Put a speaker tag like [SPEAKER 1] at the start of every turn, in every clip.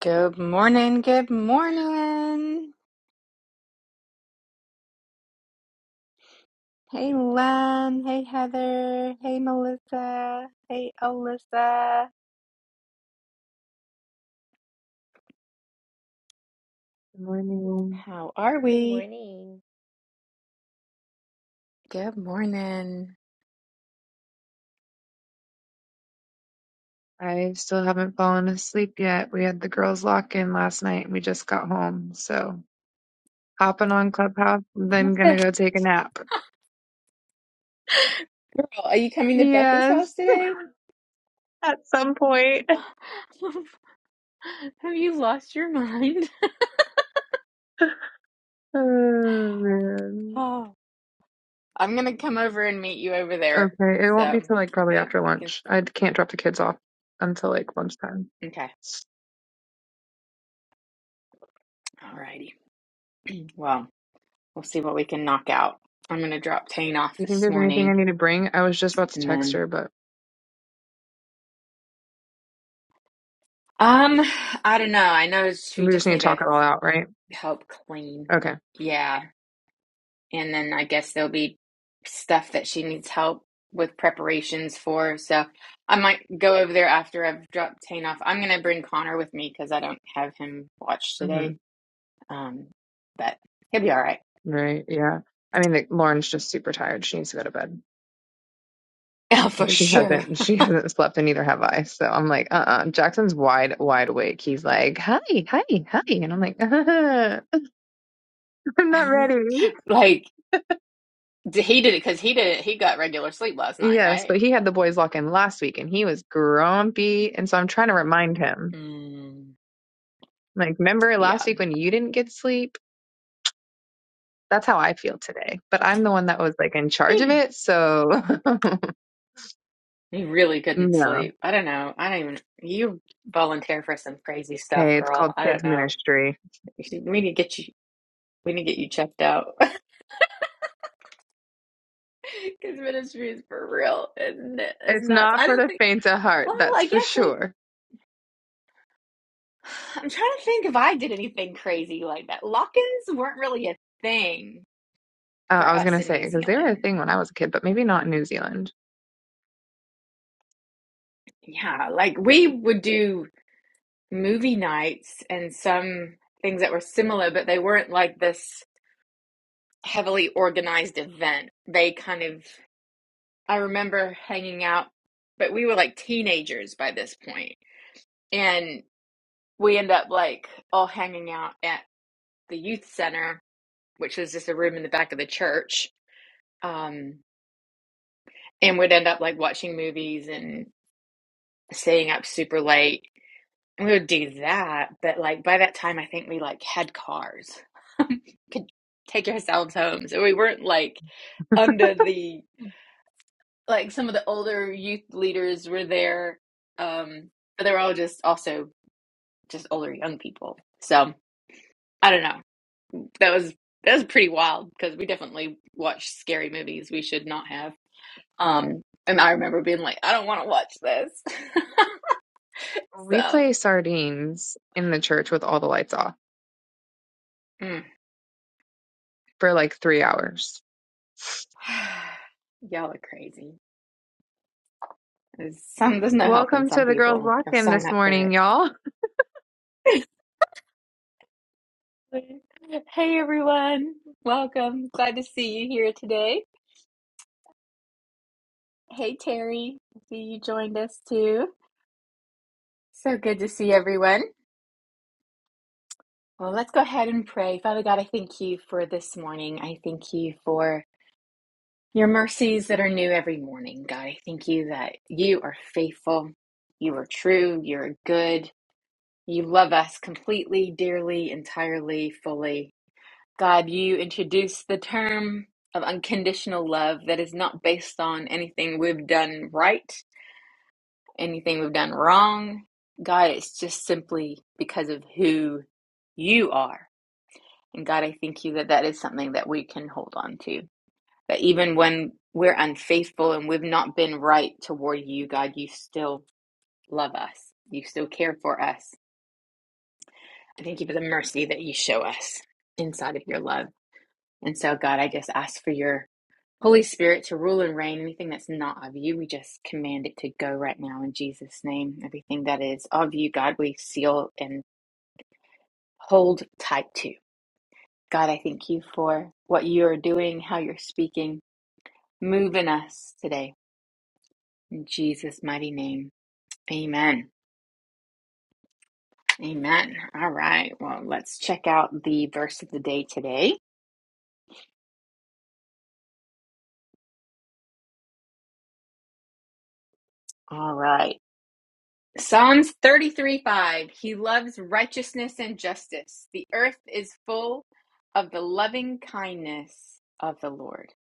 [SPEAKER 1] Good morning, good morning. Hey Len, hey Heather, hey Melissa, hey Alyssa.
[SPEAKER 2] Good morning.
[SPEAKER 1] How are
[SPEAKER 3] Good
[SPEAKER 1] we?
[SPEAKER 3] morning.
[SPEAKER 1] Good morning.
[SPEAKER 2] I still haven't fallen asleep yet. We had the girls lock in last night and we just got home. So hopping on Clubhouse,
[SPEAKER 1] What
[SPEAKER 2] then
[SPEAKER 1] the
[SPEAKER 2] gonna go take a nap.
[SPEAKER 1] hell? Are you coming to Becca's
[SPEAKER 2] Yes,
[SPEAKER 1] house today?
[SPEAKER 2] at some point.
[SPEAKER 1] Have you lost your mind?
[SPEAKER 2] Oh man.
[SPEAKER 1] Oh, I'm gonna come over and meet you over there.
[SPEAKER 2] Okay, it won't
[SPEAKER 1] So
[SPEAKER 2] be till like probably
[SPEAKER 1] maybe
[SPEAKER 2] after
[SPEAKER 1] we can.
[SPEAKER 2] lunch. I can't drop the kids off until like lunchtime. Do
[SPEAKER 1] Okay, alrighty. Well, we'll see what we can knock out. I'm gonna drop Tane off
[SPEAKER 2] you think
[SPEAKER 1] this
[SPEAKER 2] there's anything I
[SPEAKER 1] morning,
[SPEAKER 2] need to bring? I was just about to
[SPEAKER 1] and
[SPEAKER 2] text
[SPEAKER 1] then.
[SPEAKER 2] her, but
[SPEAKER 1] Um, I don't know. I know she
[SPEAKER 2] we just
[SPEAKER 1] just
[SPEAKER 2] need to
[SPEAKER 1] need to
[SPEAKER 2] talk it all out, right?
[SPEAKER 1] help clean.
[SPEAKER 2] Okay.
[SPEAKER 1] Yeah. And then I guess there'll be stuff that she needs help with preparations for. So I might go over there after I've dropped Tane off. I'm gonna bring Connor with me because I don't have him watch
[SPEAKER 2] Mm-hmm.
[SPEAKER 1] today. Um, but he'll be all right.
[SPEAKER 2] Right. Yeah. I mean, like, Lauren's just super tired. She needs to go to bed.
[SPEAKER 1] Yeah, for
[SPEAKER 2] She
[SPEAKER 1] sure.
[SPEAKER 2] hasn't. She hasn't slept, and neither have I. So I'm like, uh-uh. Jackson's wide, wide awake. He's like, hi, hi, hi, and I'm like, I'm not ready.
[SPEAKER 1] Like d- he did it because he did it. He got regular sleep last night,
[SPEAKER 2] Yes,
[SPEAKER 1] right?
[SPEAKER 2] but he had the boys lock in last week, and he was grumpy. And so I'm trying to remind him,
[SPEAKER 1] Mm,
[SPEAKER 2] like, remember
[SPEAKER 1] yeah.
[SPEAKER 2] last week when you didn't get sleep? That's how I feel today. But I'm the one that was like in charge of it, so
[SPEAKER 1] He really couldn't
[SPEAKER 2] no.
[SPEAKER 1] sleep. I don't know. I don't even. You volunteer for some crazy stuff,
[SPEAKER 2] Hey, it's
[SPEAKER 1] girl.
[SPEAKER 2] called
[SPEAKER 1] I
[SPEAKER 2] kids
[SPEAKER 1] don't know.
[SPEAKER 2] ministry.
[SPEAKER 1] We should- we need to get you. We need to get you checked out because ministry is for real, and it's
[SPEAKER 2] It's
[SPEAKER 1] nuts.
[SPEAKER 2] not
[SPEAKER 1] I
[SPEAKER 2] for
[SPEAKER 1] don't
[SPEAKER 2] the
[SPEAKER 1] think.
[SPEAKER 2] faint of heart,
[SPEAKER 1] Well,
[SPEAKER 2] that's
[SPEAKER 1] I
[SPEAKER 2] for
[SPEAKER 1] guess like
[SPEAKER 2] sure.
[SPEAKER 1] I'm trying to think if I did anything crazy like that. Lock-ins weren't really a thing
[SPEAKER 2] Uh,
[SPEAKER 1] for
[SPEAKER 2] I was
[SPEAKER 1] us
[SPEAKER 2] gonna
[SPEAKER 1] in New
[SPEAKER 2] say because they were a
[SPEAKER 1] Zealand.
[SPEAKER 2] thing when I was a kid, but maybe not in New Zealand.
[SPEAKER 1] Yeah, like we would do movie nights and some things that were similar, but they weren't like this heavily organized event. They kind of, I remember hanging out, but we were like teenagers by this point. And we end up like all hanging out at the youth center, which was just a room in the back of the church. Um, and we'd end up like watching movies and staying up super late. And we would do that. But like by that time, I think we like had cars, could take ourselves home. So we weren't like under the like some of the older youth leaders were there, um, but they were all just also just older young people. So I don't know. That was that was pretty wild because we definitely watched scary movies we should not have. Um, and I remember being like, I don't want to watch this.
[SPEAKER 2] We
[SPEAKER 1] so
[SPEAKER 2] play sardines in the church with all the lights off
[SPEAKER 1] mm.
[SPEAKER 2] for like three hours.
[SPEAKER 1] y'all are crazy. There's some there's no helping
[SPEAKER 2] Welcome
[SPEAKER 1] some
[SPEAKER 2] to the girls'
[SPEAKER 1] people. You'll
[SPEAKER 2] lock-in
[SPEAKER 1] sign
[SPEAKER 2] this
[SPEAKER 1] up for it.
[SPEAKER 2] morning, y'all.
[SPEAKER 1] hey everyone, welcome. Glad to see you here today. Hey Terry, see you joined us too. So good to see everyone. Well, let's go ahead and pray. Father God, I thank you for this morning. I thank you for your mercies that are new every morning. God, I thank you that you are faithful, you are true, you're good, you love us completely, dearly, entirely, fully. God, you introduced the term of unconditional love that is not based on anything we've done right anything we've done wrong. God, it's just simply because of who you are. And God, I thank you that that is something that we can hold on to. That even when we're unfaithful and we've not been right toward you, God, you still love us. You still care for us. I thank you for the mercy that you show us inside of your love. And so, God, I just ask for your Holy Spirit, to rule and reign anything that's not of you, we just command it to go right now in Jesus' name. Everything that is of you, God, we seal and hold tight to. God, I thank you for what you are doing, how you're speaking. Move in us today. In Jesus' mighty name. Amen. Amen. All right. Well, let's check out the verse of the day today. All right. Psalms 33 5. He loves righteousness and justice. The earth is full of the loving kindness of the Lord.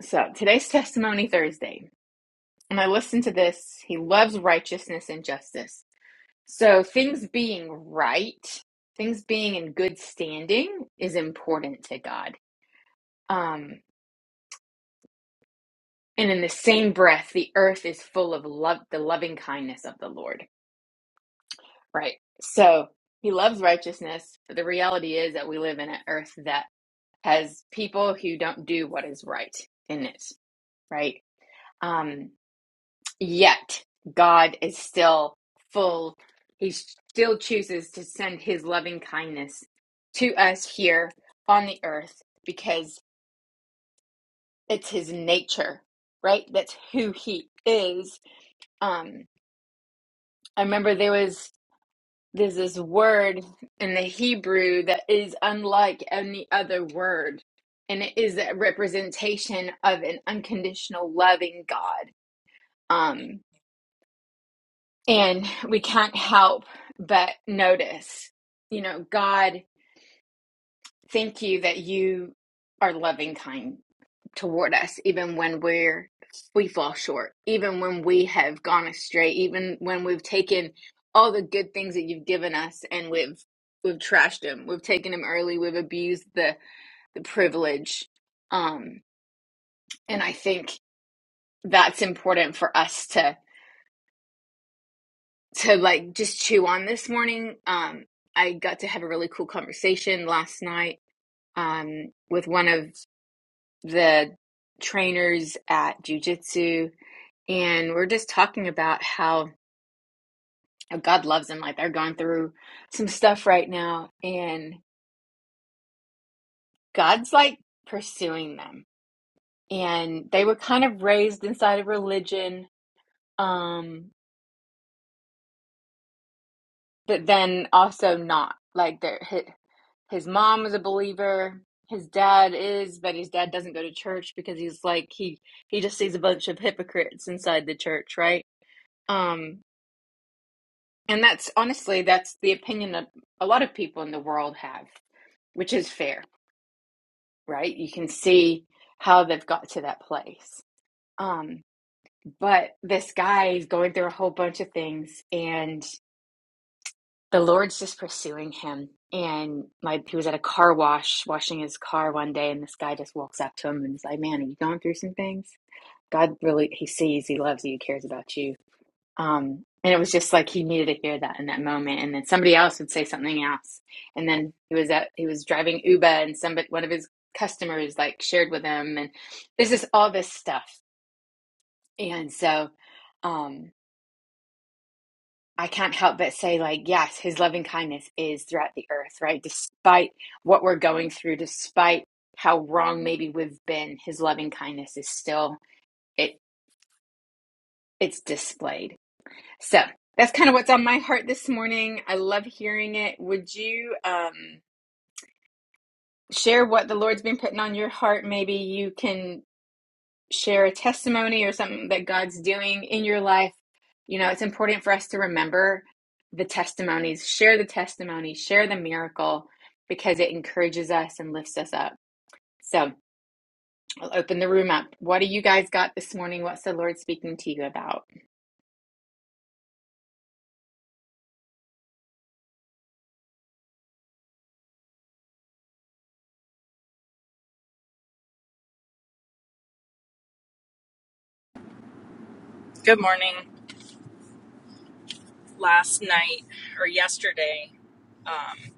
[SPEAKER 1] So today's Testimony Thursday. And I listened to this. He loves righteousness and justice. So things being right, things being in good standing is important to God. Um, and in the same breath, the earth is full of love, the loving kindness of the Lord. Right. So he loves righteousness, but the reality is that we live in an earth that has people who don't do what is right in it, right? Um, yet God is still full, he still chooses to send his loving kindness to us here on the earth because it's his nature, right? That's who he is. Um, I remember there was There's this word in the Hebrew that is unlike any other word, and it is a representation of an unconditional loving God. Um, and we can't help but notice, you know, God, thank you that you are loving kind toward us even when we're we fall short even when we have gone astray even when we've taken all the good things that you've given us and we've we've trashed them we've taken them early we've abused the the privilege um and i think that's important for us to to like just chew on this morning um i got to have a really cool conversation last night um with one of the trainers at jujitsu and we're just talking about how uh, God loves them. Like they're going through some stuff right now, and God's like pursuing them. And they were kind of raised inside of religion, um, but then also not. Like their his, his mom was a believer, his dad is, but his dad doesn't go to church because he's like he he just sees a bunch of hypocrites inside the church, right? Um, and that's honestly that's the opinion that a lot of people in the world have which is fair, right? You can see how they've got to that place. Um, but this guy is going through a whole bunch of things, and the Lord's just pursuing him. And my he was at a car wash, washing his car one day, and this guy just walks up to him and is like, "Man, are you going through some things? God really, He sees, He loves you, He cares about you." Um, and it was just like he needed to hear that in that moment. And then somebody else would say something else. And then he was at he was driving Uber, and somebody one of his customers like shared with him, and there's just all this stuff. And so, um, I can't help but say like, yes, his loving kindness is throughout the earth, right? Despite what we're going through, despite how wrong maybe we've been, his loving kindness is still it it's displayed. So that's kind of what's on my heart this morning. I love hearing it. Would you um, share what the Lord's been putting on your heart? Maybe you can share a testimony or something that God's doing in your life. You know, it's important for us to remember the testimonies, share the testimony, share the miracle because it encourages us and lifts us up. So I'll open the room up. What do you guys got this morning? What's the Lord speaking to you about?
[SPEAKER 4] Good morning. Last night or yesterday, um,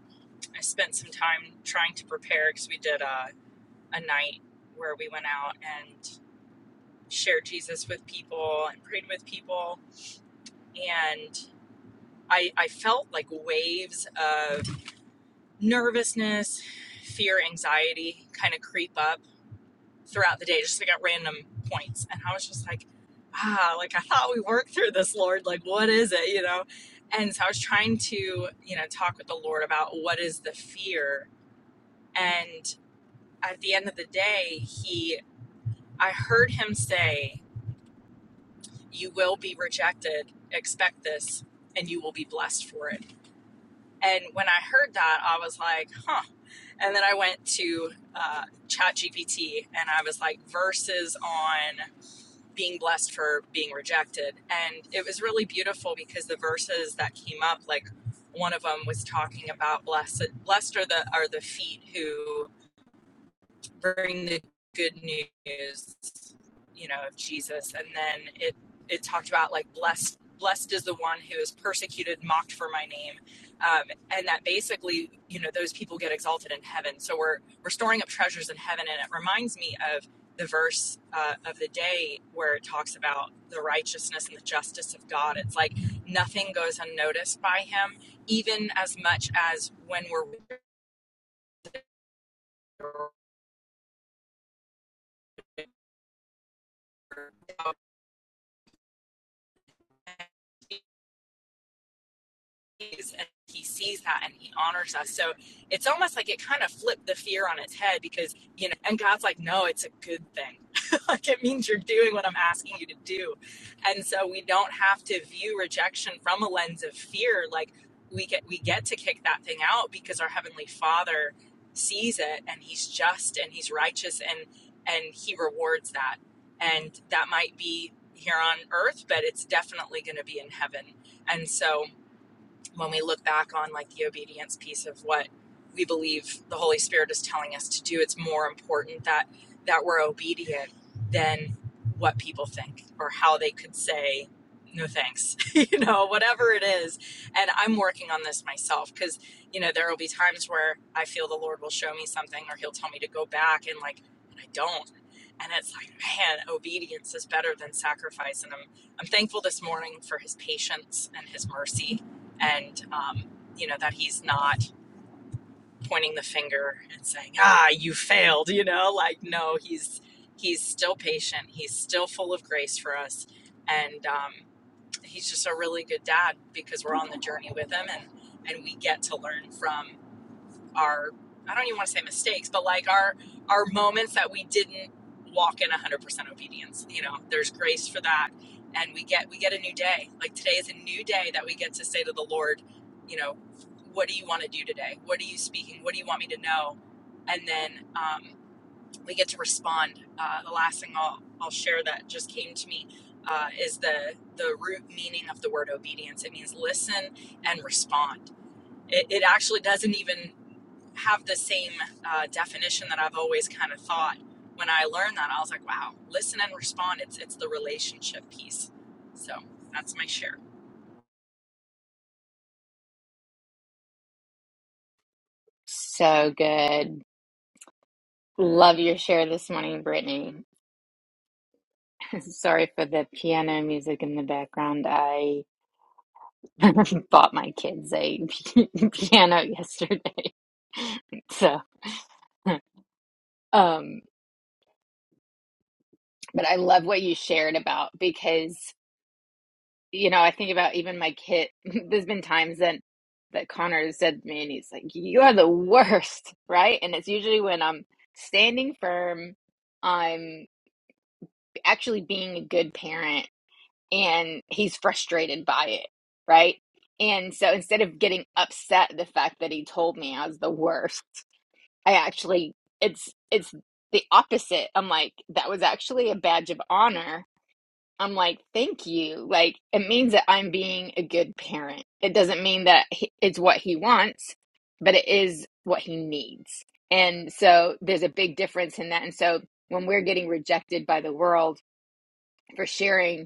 [SPEAKER 4] I spent some time trying to prepare because we did a, a night where we went out and shared Jesus with people and prayed with people. And I, I felt like waves of nervousness, fear, anxiety kind of creep up throughout the day, just like at random points. And I was just like, ah, like I thought we worked through this, Lord. Like, what is it, you know? And so I was trying to, you know, talk with the Lord about what is the fear. And at the end of the day, he, I heard him say, You will be rejected, expect this, and you will be blessed for it. And when I heard that, I was like, huh. And then I went to uh, ChatGPT and I was like, verses on being blessed for being rejected. And it was really beautiful because the verses that came up, like one of them was talking about blessed blessed are the are the feet who bring the good news, you know, of Jesus. And then it it talked about like blessed blessed is the one who is persecuted, mocked for my name, um, and that basically, you know, those people get exalted in heaven. So we're we're storing up treasures in heaven, and it reminds me of the verse uh, of the day where it talks about the righteousness and the justice of God. It's like nothing goes unnoticed by Him, even as much as when we're is and he sees that and he honors us so it's almost like it kind of flipped the fear on its head because you know and god's like no it's a good thing like it means you're doing what i'm asking you to do and so we don't have to view rejection from a lens of fear like we get we get to kick that thing out because our heavenly father sees it and he's just and he's righteous and and he rewards that and that might be here on earth but it's definitely going to be in heaven and so when we look back on like the obedience piece of what we believe the holy spirit is telling us to do it's more important that that we're obedient than what people think or how they could say no thanks you know whatever it is and i'm working on this myself because you know there will be times where i feel the lord will show me something or he'll tell me to go back and like and i don't and it's like man obedience is better than sacrifice and i'm i'm thankful this morning for his patience and his mercy and um, you know that he's not pointing the finger and saying ah you failed you know like no he's he's still patient he's still full of grace for us and um, he's just a really good dad because we're on the journey with him and and we get to learn from our I don't even want to say mistakes, but like our our moments that we didn't walk in 100% obedience. You know, there's grace for that and we get we get a new day. Like today is a new day that we get to say to the Lord, you know, what do you want to do today? What are you speaking? What do you want me to know? And then um, we get to respond. Uh, the last thing I'll, I'll share that just came to me uh, is the the root meaning of the word obedience. It means listen and respond. It, it actually doesn't even have the same uh, definition that I've always kind of thought. When I learned that, I was like, wow, listen and respond. It's it's the relationship piece. So that's my share.
[SPEAKER 1] So good. Love your share this morning, Brittany. Sorry for the piano music in the background. I bought my kids a piano yesterday. So, um, but I love what you shared about because, you know, I think about even my kid. There's been times that that Connor has said to me and he's like, "You are the worst," right? And it's usually when I'm standing firm, I'm actually being a good parent and he's frustrated by it, right? And so instead of getting upset the fact that he told me I was the worst, I actually it's it's the opposite. I'm like that was actually a badge of honor. I'm like thank you. Like it means that I'm being a good parent. It doesn't mean that he, it's what he wants, but it is what he needs. And so there's a big difference in that. And so when we're getting rejected by the world for sharing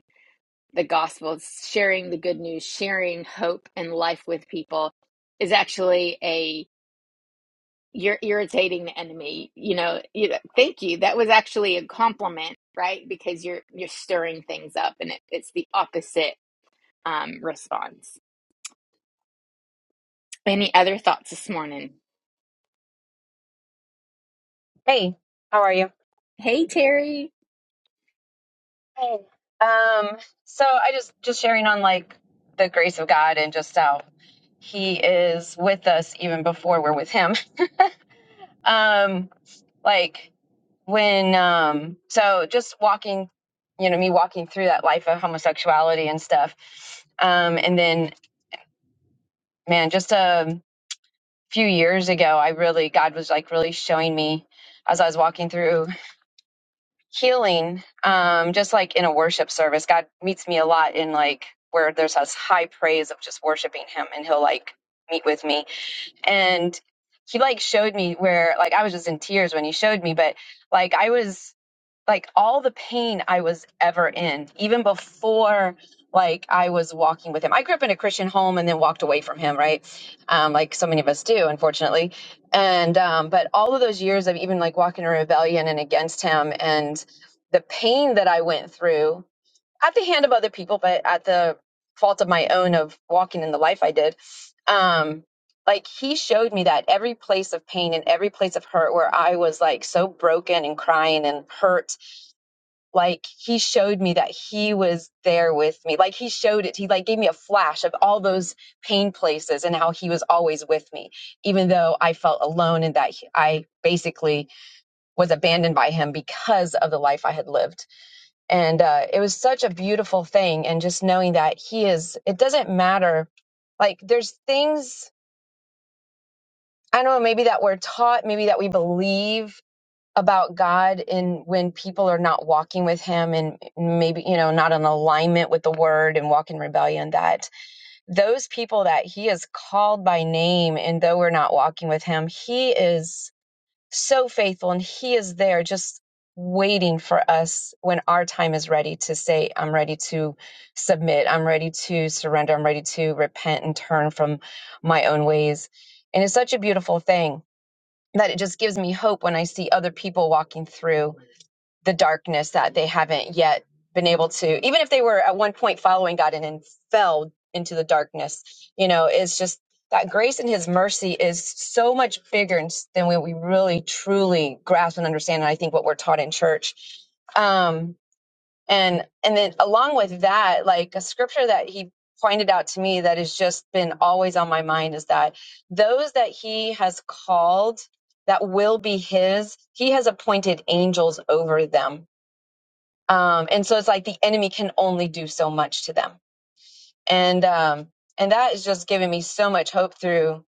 [SPEAKER 1] the gospel, sharing the good news, sharing hope and life with people is actually a you're irritating the enemy. You know, you, thank you. That was actually a compliment, right? Because you're you're stirring things up, and it, it's the opposite um, response. Any other thoughts this morning?
[SPEAKER 5] Hey, how are you?
[SPEAKER 1] Hey, Terry.
[SPEAKER 5] Hey. Um, so I just just sharing on like the grace of God and just how he is with us even before we're with him. Um, like when um so just walking, you know, me walking through that life of homosexuality and stuff. Um, and then man, just a few years ago, I really God was like really showing me as I was walking through. healing um just like in a worship service god meets me a lot in like where there's this high praise of just worshiping him and he'll like meet with me and he like showed me where like i was just in tears when he showed me but like i was like all the pain I was ever in, even before like I was walking with him. I grew up in a Christian home and then walked away from him, right? Um, like so many of us do, unfortunately. And um, but all of those years of even like walking in rebellion and against him and the pain that I went through at the hand of other people, but at the fault of my own of walking in the life I did. Um, like he showed me that every place of pain and every place of hurt where I was like so broken and crying and hurt like he showed me that he was there with me like he showed it he like gave me a flash of all those pain places and how he was always with me even though i felt alone and that he- i basically was abandoned by him because of the life i had lived and uh, it was such a beautiful thing and just knowing that he is it doesn't matter like there's things i don't know maybe that we're taught maybe that we believe about God and when people are not walking with Him and maybe, you know, not in alignment with the word and walk in rebellion, that those people that He has called by name and though we're not walking with Him, He is so faithful and He is there just waiting for us when our time is ready to say, I'm ready to submit, I'm ready to surrender, I'm ready to repent and turn from my own ways. And it's such a beautiful thing that it just gives me hope when I see other people walking through the darkness that they haven't yet been able to, even if they were at one point following God and then fell into the darkness, you know, it's just that grace and his mercy is so much bigger and s- than what we really truly grasp and understand. And I think what we're taught in church. Um, and and then along with that like a scripture that he pointed out to me that has just been always on my mind is that those that he has called that will be his he has appointed angels over them um, and so it's like the enemy can only do so much to them and um and that is just giving me so much hope through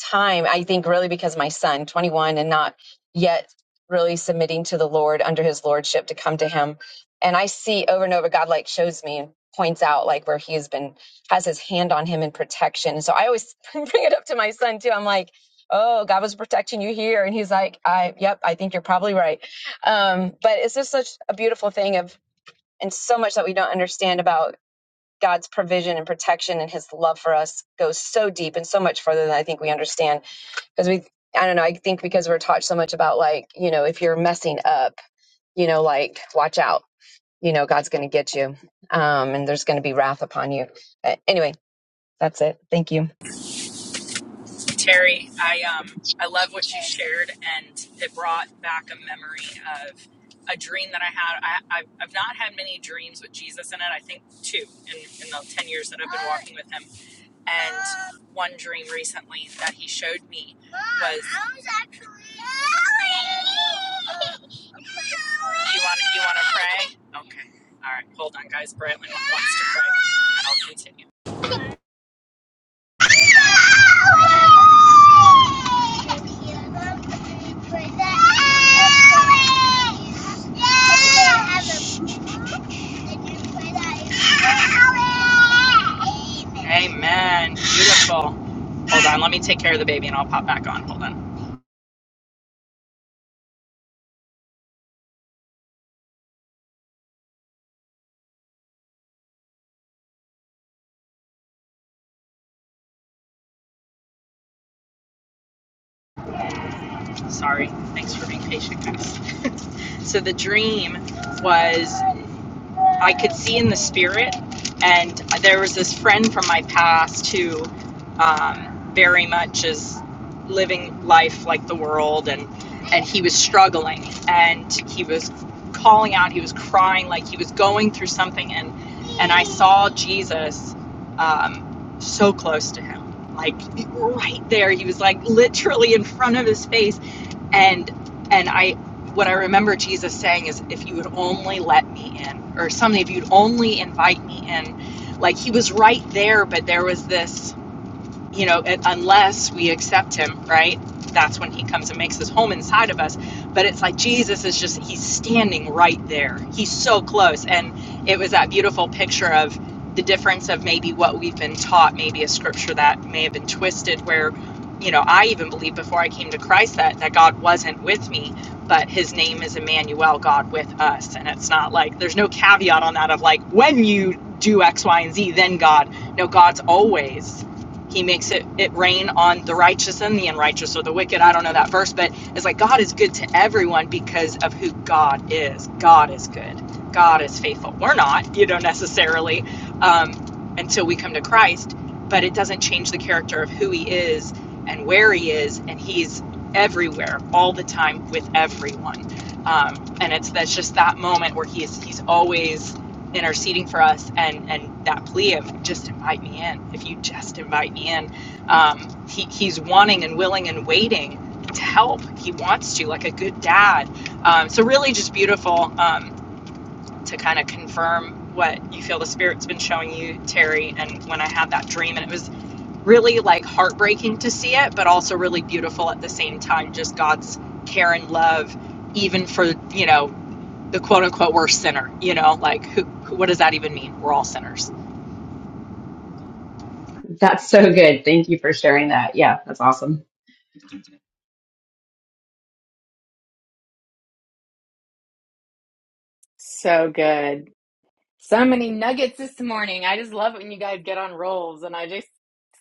[SPEAKER 5] time i think really because my son 21 and not yet really submitting to the lord under his lordship to come to him and i see over and over god like shows me and points out like where he has been has his hand on him in protection so i always bring it up to my son too i'm like oh god was protecting you here and he's like i yep i think you're probably right um but it's just such a beautiful thing of and so much that we don't understand about God's provision and protection and his love for us goes so deep and so much further than I think we understand. Because we, I don't know, I think because we're taught so much about like, you know, if you're messing up, you know, like, watch out, you know, God's going to get you um, and there's going to be wrath upon you. Uh, anyway, that's it. Thank you.
[SPEAKER 4] Terry, I um I love what you shared, and it brought back a memory of a dream that I had. I, I've, I've not had many dreams with Jesus in it. I think two in, in the ten years that I've been walking with him And one dream recently that he showed me was I was actually you want you want to pray? Okay, all right. Hold on, guys. Braylon wants to pray, and I'll continue. Amen. Beautiful. Hold on, let me take care of the baby and I'll pop back on. Hold on. Sorry. Thanks for being patient, guys. so the dream was I could see in the spirit. And there was this friend from my past who um, very much is living life like the world, and and he was struggling, and he was calling out, he was crying, like he was going through something, and and I saw Jesus um, so close to him, like right there. He was like literally in front of his face, and and i what i remember jesus saying is if you would only let me in or something if you'd only invite me in like he was right there but there was this you know, unless we accept him, right? That's when he comes and makes his home inside of us. But it's like Jesus is just, he's standing right there. He's so close. And it was that beautiful picture of the difference of maybe what we've been taught, maybe a scripture that may have been twisted, where, you know, I even believed before I came to Christ that, that God wasn't with me, but his name is Emmanuel, God with us. And it's not like, there's no caveat on that of like, when you do X, Y, and Z, then God. No, God's always. He makes it, it rain on the righteous and the unrighteous or the wicked. I don't know that verse, but it's like God is good to everyone because of who God is. God is good. God is faithful. We're not, you know, necessarily um, until we come to Christ, but it doesn't change the character of who He is and where He is, and He's everywhere all the time with everyone. Um, and it's that's just that moment where He's He's always interceding for us and and that plea of just invite me in if you just invite me in um, he, he's wanting and willing and waiting to help he wants to like a good dad um, so really just beautiful um, to kind of confirm what you feel the spirit's been showing you terry and when i had that dream and it was really like heartbreaking to see it, but also really beautiful at the same time. Just God's care and love, even for you know the quote unquote worst sinner. You know, like who, who what does that even mean? We're all sinners.
[SPEAKER 5] That's so good. Thank you for sharing that. Yeah, that's awesome.
[SPEAKER 1] So good. So many nuggets this morning. I just love it when you guys get on rolls and I just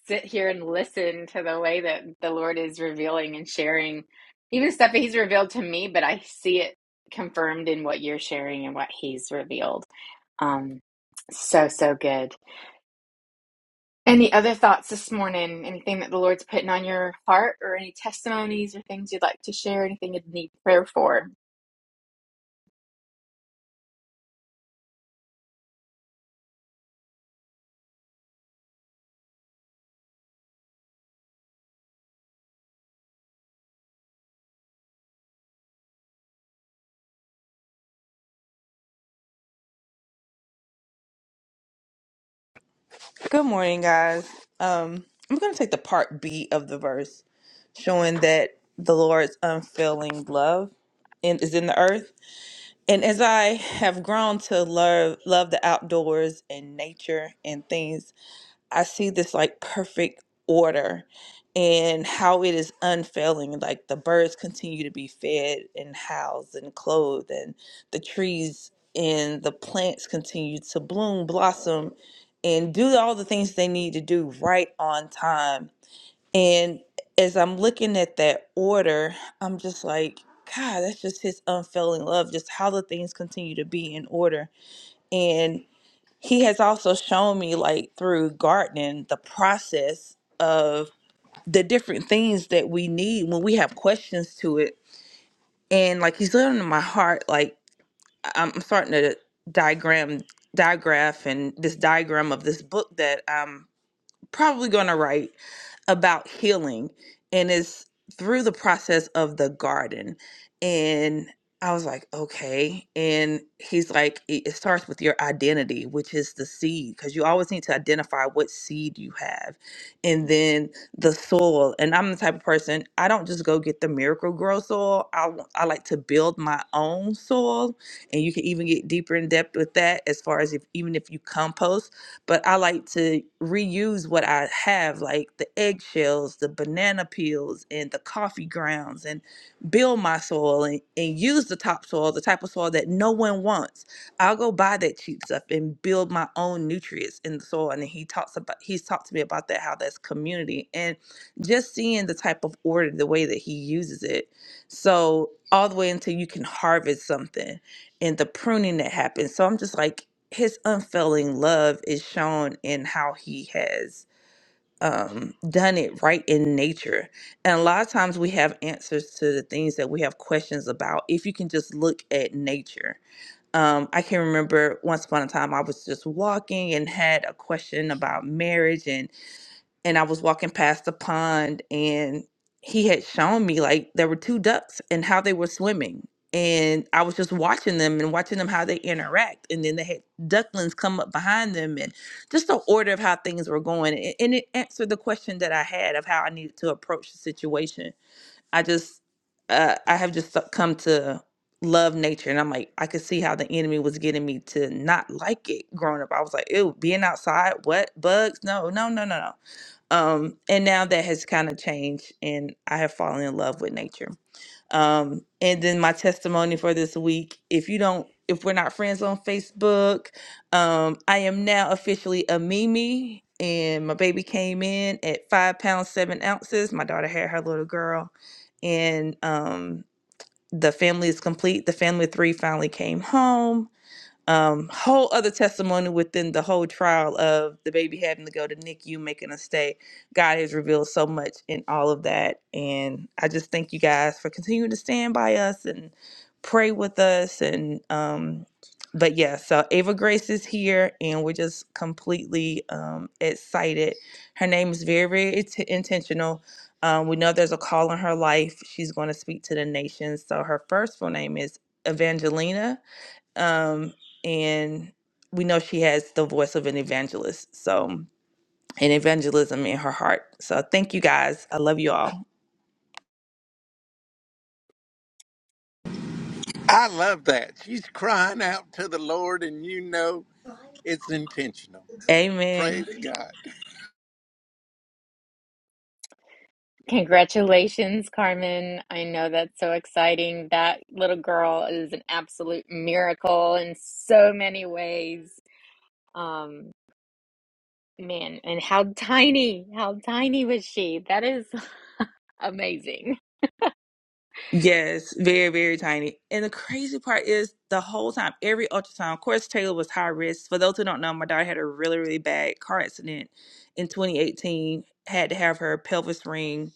[SPEAKER 1] sit here and listen to the way that the Lord is revealing and sharing even stuff that he's revealed to me, but I see it confirmed in what you're sharing and what he's revealed. Um so so good. Any other thoughts this morning? Anything that the Lord's putting on your heart or any testimonies or things you'd like to share? Anything you'd need prayer for?
[SPEAKER 6] Good morning, guys. Um, I'm going to take the part B of the verse, showing that the Lord's unfailing love in, is in the earth. And as I have grown to love love the outdoors and nature and things I see this like perfect order and how it is unfailing. Like the birds continue to be fed and housed and clothed, and the trees and the plants continue to bloom, blossom, and do all the things they need to do right on time. And as I'm looking at that order, I'm just like, God, that's just his unfailing love, just how the things continue to be in order. And he has also shown me like through gardening the process of the different things that we need when we have questions to it and like he's living in my heart like I- i'm starting to diagram digraph and this diagram of this book that i'm probably going to write about healing and it's through the process of the garden and i was like okay and he's like it, it starts with your identity which is the seed because you always need to identify what seed you have and then the soil and i'm the type of person i don't just go get the miracle grow soil i, w- I like to build my own soil and you can even get deeper in depth with that as far as if even if you compost but I like to reuse what I have, like the eggshells, the banana peels, and the coffee grounds, and build my soil and, and use the topsoil, the type of soil that no one wants. I'll go buy that cheap stuff and build my own nutrients in the soil. And he talks about he's talked to me about that, how that's community and just seeing the type of order, the way that he uses it. So all the way until you can harvest something and the pruning that happens. So I'm just like his unfailing love is shown in how he has um, done it right in nature. And a lot of times we have answers to the things that we have questions about if you can just look at nature. Um, I can remember once upon a time I was just walking and had a question about marriage, and and I was walking past the pond and he had shown me like there were two ducks and how they were swimming. And I was just watching them and watching them how they interact. And then they had ducklings come up behind them and just the order of how things were going. a- And it answered the question that I had of how I needed to approach the situation. I just, uh, I have just come to love nature. And I'm like, I could see how the enemy was getting me to not like it growing up. I was like, ew, being outside, what? Bugs? No, no, no, no, no. Um, and now that has kind of changed, and I have fallen in love with nature. Um, and then my testimony for this week if you don't, if we're not friends on Facebook, um, I am now officially a Mimi, and my baby came in at five pounds, seven ounces. My daughter had her little girl, and um, the family is complete. The family of three finally came home um, whole other testimony within the whole trial of the baby having to go to NICU, making a stay. God has revealed so much in all of that. And I just thank you guys for continuing to stand by us and pray with us. And, um, but yeah, so Ava Grace is here and we're just completely um, excited. Her name is very, very int- intentional. Um, we know there's a call in her life. She's going to speak to the nations. So her first full name is Evangelina um, and we know she has the voice of an evangelist. So, and evangelism in her heart. So, thank you guys. I love you all.
[SPEAKER 7] I love that. She's crying out to the Lord, and you know it's intentional.
[SPEAKER 6] Amen.
[SPEAKER 7] Praise God.
[SPEAKER 1] Congratulations, Carmen. I know that's so exciting. That little girl is an absolute miracle in so many ways. Um, man, and how tiny, how tiny was she? That is amazing.
[SPEAKER 6] Yes, very, very tiny. And the crazy part is the whole time, every ultrasound, of course, Taylor was high risk. For those who don't know, my daughter had a really, really bad car accident in 2018, had to have her pelvis ring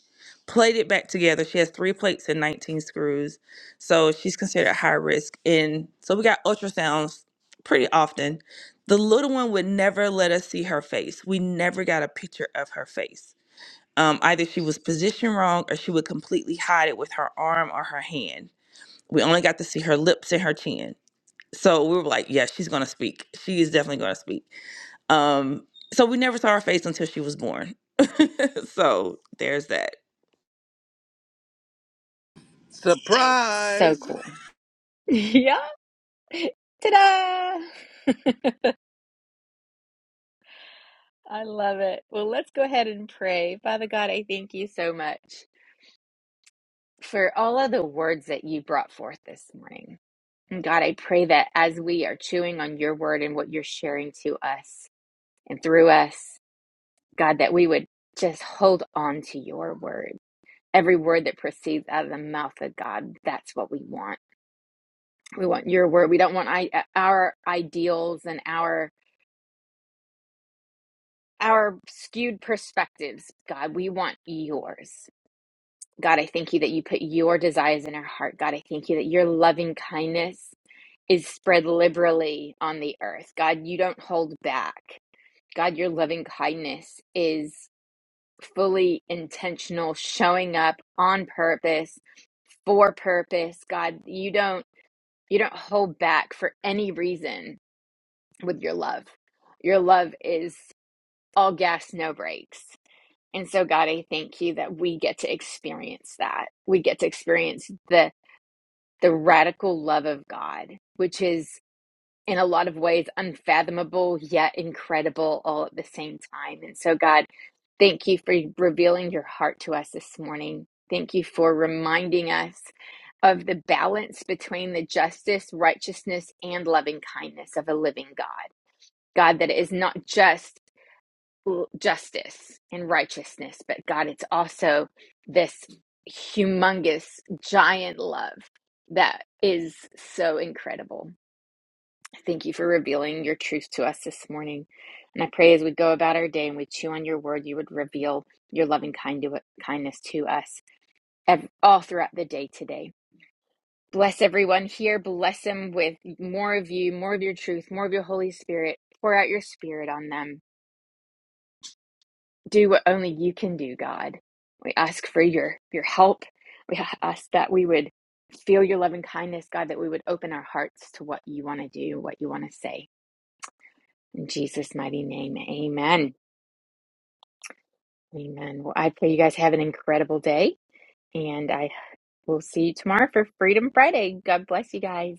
[SPEAKER 6] plated back together. She has three plates and 19 screws. So she's considered high risk. And so we got ultrasounds pretty often. The little one would never let us see her face. We never got a picture of her face um, either she was positioned wrong or she would completely hide it with her arm or her hand. We only got to see her lips and her chin. So we were like, yeah, she's going to speak. She is definitely going to speak. Um, so we never saw her face until she was born. so there's that.
[SPEAKER 1] So
[SPEAKER 7] Surprise!
[SPEAKER 1] cool. yeah. Ta-da! I love it. Well, let's go ahead and pray. Father God, I thank you so much for all of the words that you brought forth this morning. And God, I pray that as we are chewing on your word and what you're sharing to us and through us, God, that we would just hold on to your word. Every word that proceeds out of the mouth of God, that's what we want. We want your word. We don't want I, uh, our ideals and our our skewed perspectives. God, we want yours. God, I thank you that you put your desires in our heart. God, I thank you that your loving kindness is spread liberally on the earth. God, you don't hold back. God, your loving kindness is fully intentional, showing up on purpose, for purpose. God, you don't you don't hold back for any reason with your love. Your love is all gas, no brakes. And so God, I thank you that we get to experience that. We get to experience the the radical love of God, which is in a lot of ways unfathomable yet incredible all at the same time. And so, God, thank you for revealing your heart to us this morning. Thank you for reminding us of the balance between the justice, righteousness, and loving kindness of a living God. God, that it is not just justice and righteousness, but God, it's also this humongous giant love that is so incredible. Thank you for revealing your truth to us this morning. And I pray as we go about our day and we chew on your word, you would reveal your loving kindness to us all throughout the day today. Bless everyone here. Bless them with more of you, more of your truth, more of your Holy Spirit. Pour out your spirit on them. Do what only you can do, God. We ask for your, your help. We ask that we would feel your loving kindness, God, that we would open our hearts to what you want to do, what you want to say. In Jesus' mighty name, amen. Amen. Well, I pray you guys have an incredible day, and I will see you tomorrow for Freedom Friday. God bless you guys.